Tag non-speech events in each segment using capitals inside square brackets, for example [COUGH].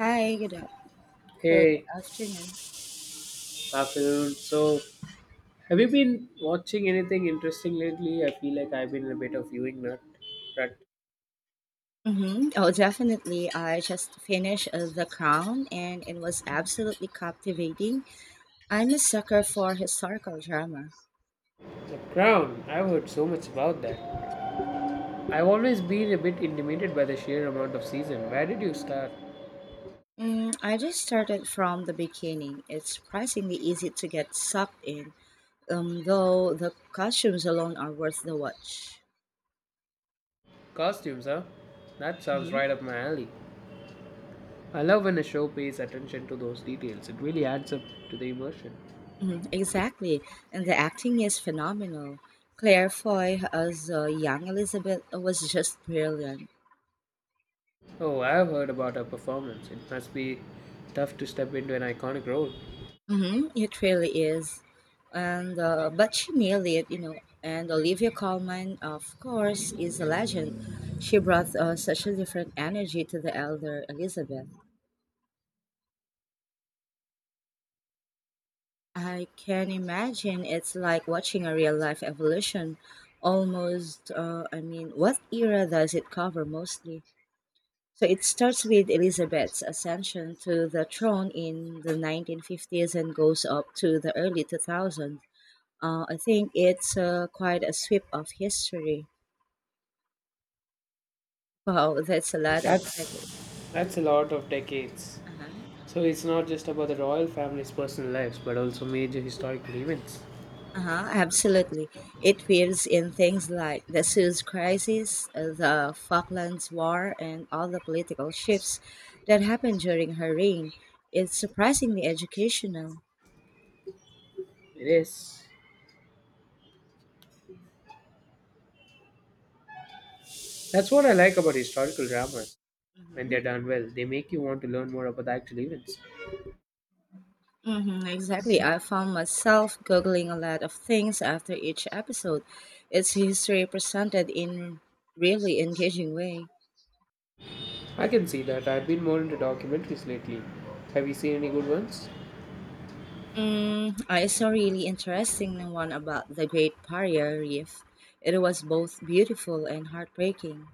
Hi, good, good Hey, afternoon. afternoon. So, have you been watching anything interesting lately? I feel like I've been in a bit of viewing nut. Rut. Hmm Oh, definitely. I just finished The Crown, and it was absolutely captivating. I'm a sucker for historical drama. The Crown. I've heard so much about that. I've always been a bit intimidated by the sheer amount of season. Where did you start? Mm, I just started from the beginning. It's surprisingly easy to get sucked in, though the costumes alone are worth the watch. Costumes, huh? That sounds Hmm right up my alley. I love when a show pays attention to those details. It really adds up to the immersion. hmm Exactly. And the acting is phenomenal. Claire Foy as young Elizabeth was just brilliant. Oh, I've heard about her performance. It must be tough to step into an iconic role. Hmm It really is, and but she nailed it, you know. And Olivia Colman, of course, is a legend. She brought such a different energy to the elder Elizabeth. I can imagine it's like watching a real life evolution. Almost, I mean, what era does it cover mostly? So it starts with Elizabeth's ascension to the throne in the 1950s and goes up to the early 2000s. I think it's quite a sweep of history. Wow, [LAUGHS] that's a lot of decades. That's that's a lot of decades. Uh-huh. So it's not just about the royal family's personal lives, but also major historical events. Uh-huh, absolutely. It weaves in things like the Suez Crisis, the Falklands War, and all the political shifts that happened during her reign. It's surprisingly educational. It is. That's what I like about historical dramas. When Hmm they're done well, they make you want to learn more about the actual events. hmm exactly. I found myself Googling a lot of things after each episode. It's history presented in really engaging way. I can see that. I've been more into documentaries lately. Have you seen any good ones? Mm, I saw a really interesting one about the Great Barrier Reef. It was both beautiful and heartbreaking.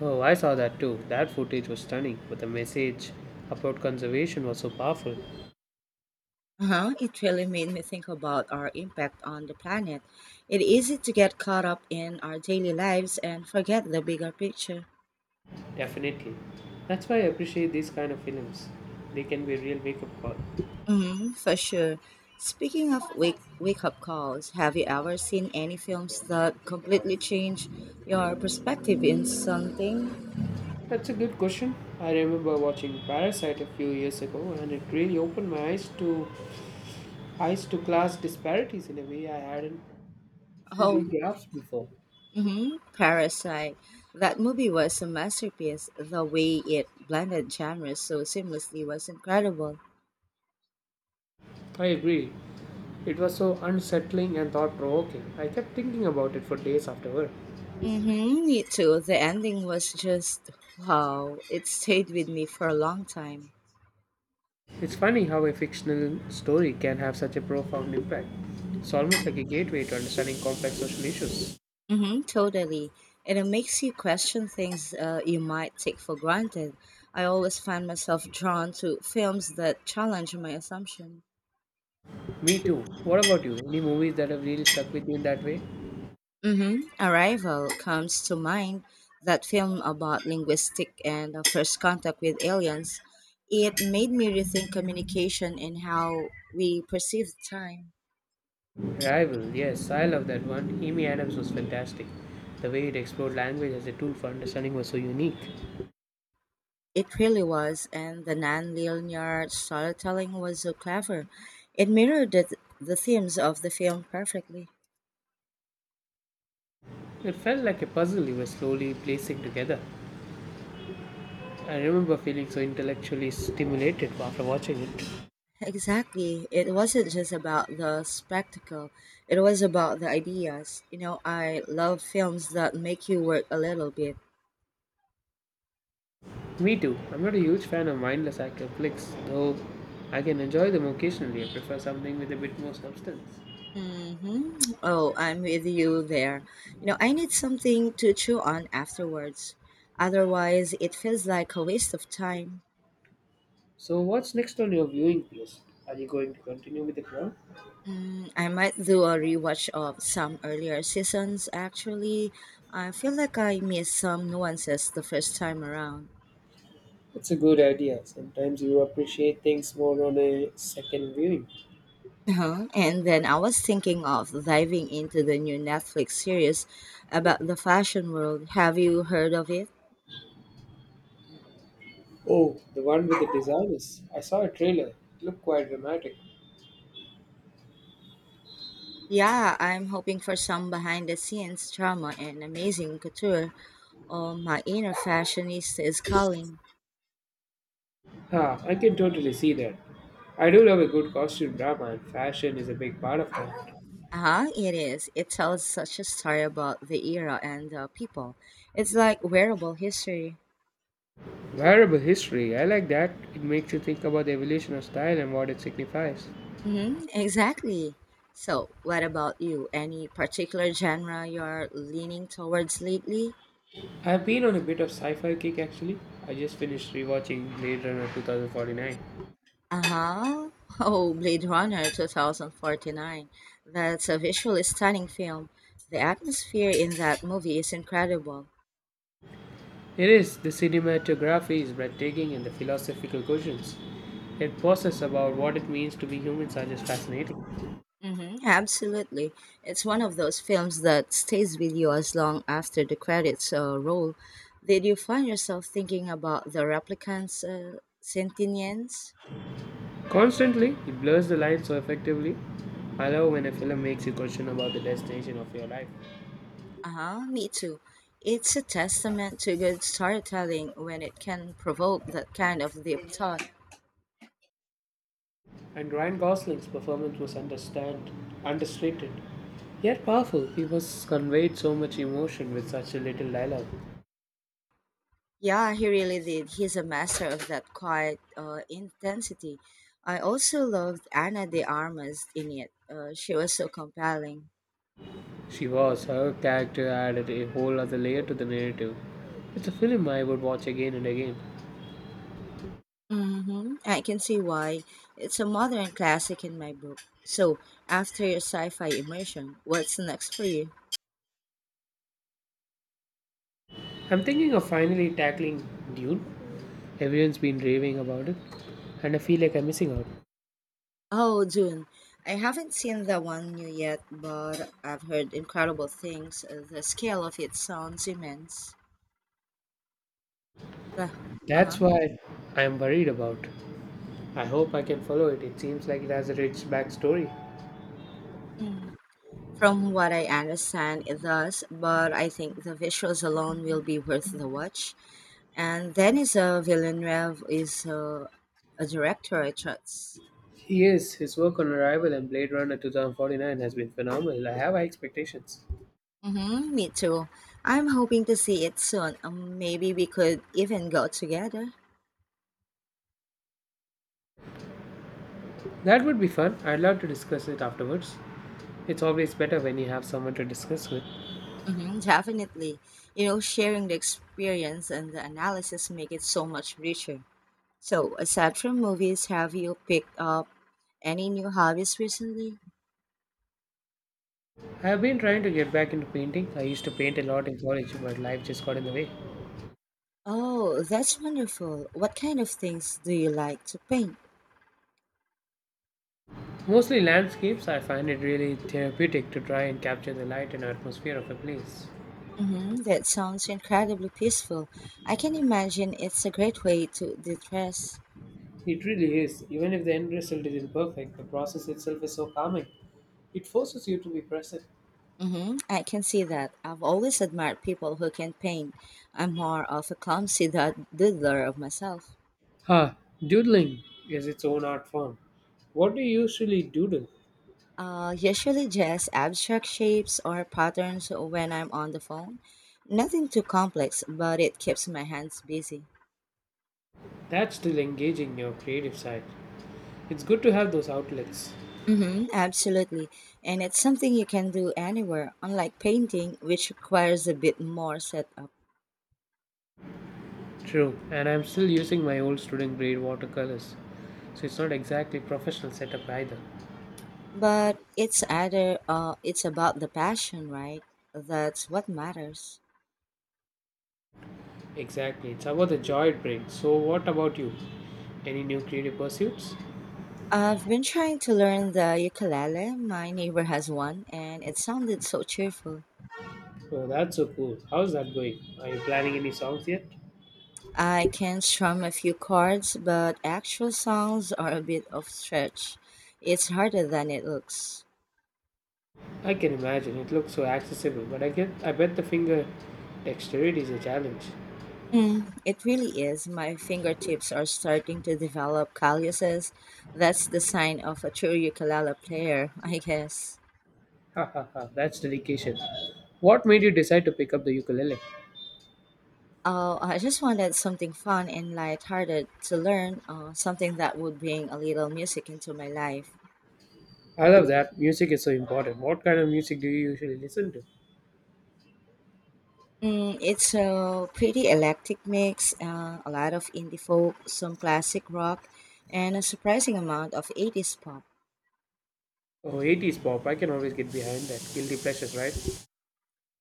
Oh, I saw that too. That footage was stunning, but the message about conservation was so powerful. Uh-huh, it really made me think about our impact on the planet. It's easy to get caught up in our daily lives and forget the bigger picture. Definitely. That's why I appreciate these kind of films. They can be a real wake-up call. Mm, for sure. Speaking of wake up calls, have you ever seen any films that completely change your perspective in something? That's a good question. I remember watching Parasite a few years ago and it really opened my eyes to class disparities in a way I hadn't fully Oh, grasped before. hmm Parasite. That movie was a masterpiece. The way it blended genres so seamlessly was incredible. I agree. It was so unsettling and thought provoking. I kept thinking about it for days afterward. Mm-hmm, me too. The ending was just wow. It stayed with me for a long time. It's funny how a fictional story can have such a profound impact. It's almost like a gateway to understanding complex social issues. Mm-hmm, totally. And it makes you question things you might take for granted. I always find myself drawn to films that challenge my assumptions. Me too. What about you? Any movies that have really stuck with you in that way? Mm-hmm. Arrival comes to mind, that film about linguistic and first contact with aliens. It made me rethink communication and how we perceive time. Rival, yes, I love that one. Amy Adams was fantastic. The way it explored language as a tool for understanding was so unique. It really was, and the non-linear storytelling was so clever. It mirrored the themes of the film perfectly. It felt like a puzzle you were slowly placing together. I remember feeling so intellectually stimulated after watching it. Exactly. It wasn't just about the spectacle. It was about the ideas. You know, I love films that make you work a little bit. Me too. I'm not a huge fan of mindless action flicks, though I can enjoy them occasionally. I prefer something with a bit more substance. Hmm Oh, I'm with you there. You know, I need something to chew on afterwards. Otherwise, it feels like a waste of time. So, what's next on your viewing list? Are you going to continue with the crowd? Mm, I might do a rewatch of some earlier seasons, actually. I feel like I missed some nuances the first time around. It's a good idea. Sometimes you appreciate things more on a second viewing. Uh-huh. And then I was thinking of diving into the new Netflix series about the fashion world. Have you heard of it? Oh, the one with the designers. I saw a trailer. It looked quite dramatic. Yeah, I'm hoping for some behind the scenes drama and amazing couture. Oh, my inner fashionista is calling. Ah, I can totally see that. I do love a good costume drama, and fashion is a big part of that. Ah, it is. It tells such a story about the era and the people. It's like wearable history. Wearable history. I like that. It makes you think about the evolution of style and what it signifies. Mm-hmm, exactly. So, what about you? Any particular genre you're leaning towards lately? I've been on a bit of sci-fi kick actually. I just finished rewatching Blade Runner 2049. Uh-huh. [LAUGHS] Oh, Blade Runner 2049. That's a visually stunning film. The atmosphere in that movie is incredible. It is. The cinematography is breathtaking and the philosophical questions it poses about what it means to be humans are just fascinating. Hmm absolutely. It's one of those films that stays with you as long after the credits roll. Did you find yourself thinking about the replicants, sentience? Constantly, it blurs the lines so effectively. I love when a film makes you question about the destination of your life. Uh huh, me too. It's a testament to good storytelling when it can provoke that kind of deep thought. And Ryan Gosling's performance was understated, yet powerful. He was conveyed so much emotion with such a little dialogue. Yeah, he really did. He's a master of that quiet intensity. I also loved Anna de Armas in it. She was so compelling. She was. Her character added a whole other layer to the narrative. It's a film I would watch again and again. Hmm I can see why. It's a modern classic in my book. So, after your sci fi immersion, what's next for you? I'm thinking of finally tackling Dune. Everyone's been raving about it, and I feel like I'm missing out. Oh, Dune. I haven't seen the one new yet, but I've heard incredible things. The scale of it sounds immense. The, uh-huh. That's why I'm worried about. I hope I can follow it. It seems like it has a rich backstory. Mm. From what I understand, it does, but I think the visuals alone will be worth the watch. And Denis Villeneuve is a director I trust. Yes, his work on Arrival and Blade Runner 2049 has been phenomenal. I have high expectations. Mm-hmm, me too. I'm hoping to see it soon. Maybe we could even go together. That would be fun. I'd love to discuss it afterwards. It's always better when you have someone to discuss with. Mm-hmm, definitely. You know, sharing the experience and the analysis make it so much richer. So, aside from movies, have you picked up any new hobbies recently? I have been trying to get back into painting. I used to paint a lot in college, but life just got in the way. Oh, that's wonderful. What kind of things do you like to paint? Mostly landscapes, I find it really therapeutic to try and capture the light and atmosphere of a place. Mm-hmm, that sounds incredibly peaceful. I can imagine it's a great way to de-stress. It really is. Even if the end result is imperfect, the process itself is so calming. It forces you to be present. Mm-hmm. I can see that. I've always admired people who can paint. I'm more of a clumsy doodler of myself. Ah, doodling is its own art form. What do you usually doodle? Usually just abstract shapes or patterns when I'm on the phone. Nothing too complex, but it keeps my hands busy. That's still engaging your creative side. It's good to have those outlets. Mm-hmm, absolutely. And it's something you can do anywhere, unlike painting, which requires a bit more setup. True, and I'm still using my old student grade watercolors, so it's not exactly professional setup either. But it's about the passion, right? That's what matters. Exactly, it's about the joy it brings. So, what about you? Any new creative pursuits? I've been trying to learn the ukulele. My neighbor has one, and it sounded so cheerful. Oh, that's so cool. How's that going? Are you planning any songs yet? I can strum a few chords, but actual songs are a bit of stretch. It's harder than it looks. I can imagine it looks so accessible, but I bet the finger dexterity is a challenge. Mm, it really is. My fingertips are starting to develop calluses. That's the sign of a true ukulele player, I guess. Ha ha ha, that's dedication. What made you decide to pick up the ukulele? Oh, I just wanted something fun and lighthearted to learn, something that would bring a little music into my life. I love that. Music is so important. What kind of music do you usually listen to? Mm, it's a pretty eclectic mix, a lot of indie folk, some classic rock, and a surprising amount of 80s pop. Oh, 80s pop. I can always get behind that. Guilty pleasures, right?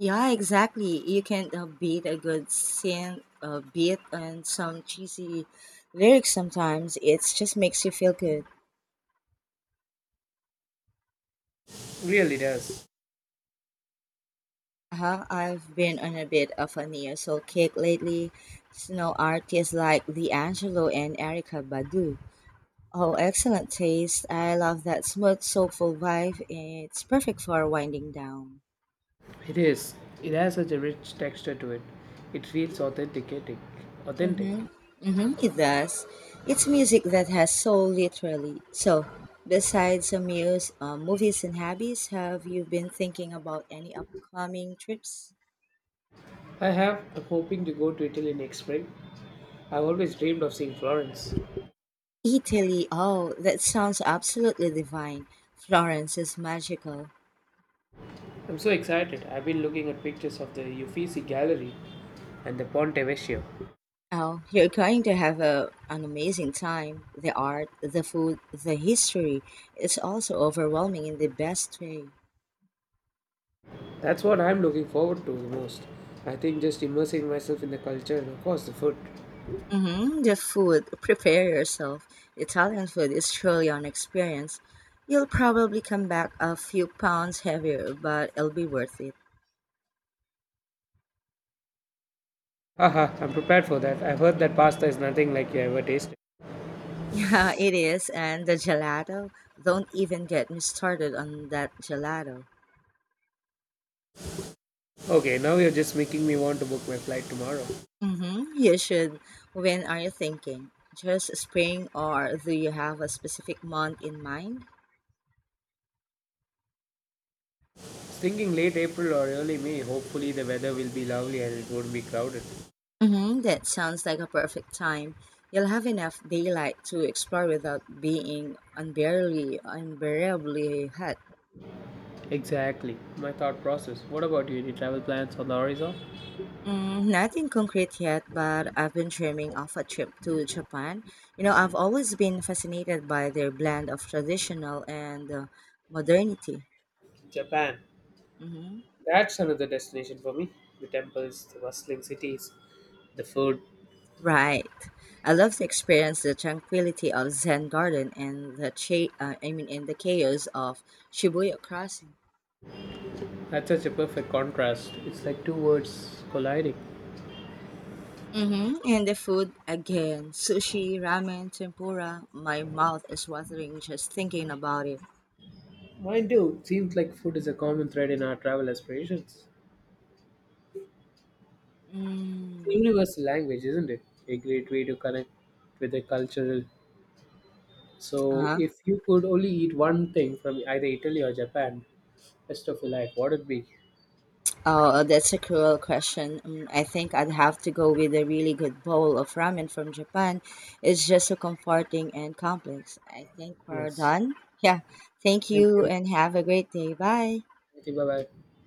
Yeah, exactly. You can't beat a good synth beat and some cheesy lyrics sometimes. It just makes you feel good. Really does. Uh-huh. I've been on a bit of a neo soul kick lately. You know, artists like D'Angelo and Erica Badu. Oh, excellent taste. I love that smooth, soulful vibe. It's perfect for winding down. It is. It has such a rich texture to it. It feels authenticating. Authentic. Mm-hmm. Mm-hmm. It does. It's music that has soul, literally. So, besides movies and hobbies, have you been thinking about any upcoming trips? I have. I'm hoping to go to Italy next spring. I've always dreamed of seeing Florence. Italy. Oh, that sounds absolutely divine. Florence is magical. I'm so excited. I've been looking at pictures of the Uffizi Gallery and the Ponte Vecchio. Oh, you're going to have a, an amazing time. The art, the food, the history. It's also overwhelming in the best way. That's what I'm looking forward to the most. I think just immersing myself in the culture and of course the food. Hmm The food, prepare yourself. Italian food is truly an experience. You'll probably come back a few pounds heavier, but it'll be worth it. [LAUGHS] Haha, I'm prepared for that. I've heard that pasta is nothing like you ever tasted. Yeah, it is. And the gelato, don't even get me started on that gelato. Okay, now you're just making me want to book my flight tomorrow. I Mm-hmm. You should. When are you thinking? Just spring, or do you have a specific month in mind? was thinking late April or early May. Hopefully the weather will be lovely and it won't be crowded. Mm-hmm. That sounds like a perfect time. You'll have enough daylight to explore without being unbearably hot. Exactly. My thought process. What about you? Any travel plans on the horizon? Mm, nothing concrete yet, but I've been dreaming of a trip to Japan. You know, I've always been fascinated by their blend of traditional and modernity. Japan. Mm-hmm. That's another destination for me. The temples, the bustling cities, the food. Right. I love to experience the tranquility of Zen Garden and the I mean in the chaos of Shibuya Crossing. That's such a perfect contrast. It's like two words colliding. Mm-hmm. And the food again, sushi, ramen, tempura. My mouth is watering just thinking about it. Mine too. Seems like food is a common thread in our travel aspirations. It's a Mm. universal language, isn't it? A great way to connect with the cultural. So, Uh-huh. if you could only eat one thing from either Italy or Japan, rest of your life, what would it be? Oh, that's a cruel question. Mm, I think I'd have to go with a really good bowl of ramen from Japan. It's just so comforting and complex. I think we're Yes. done. Yeah. Thank Thank you you. and have a great day. Bye. Thank you. Bye bye.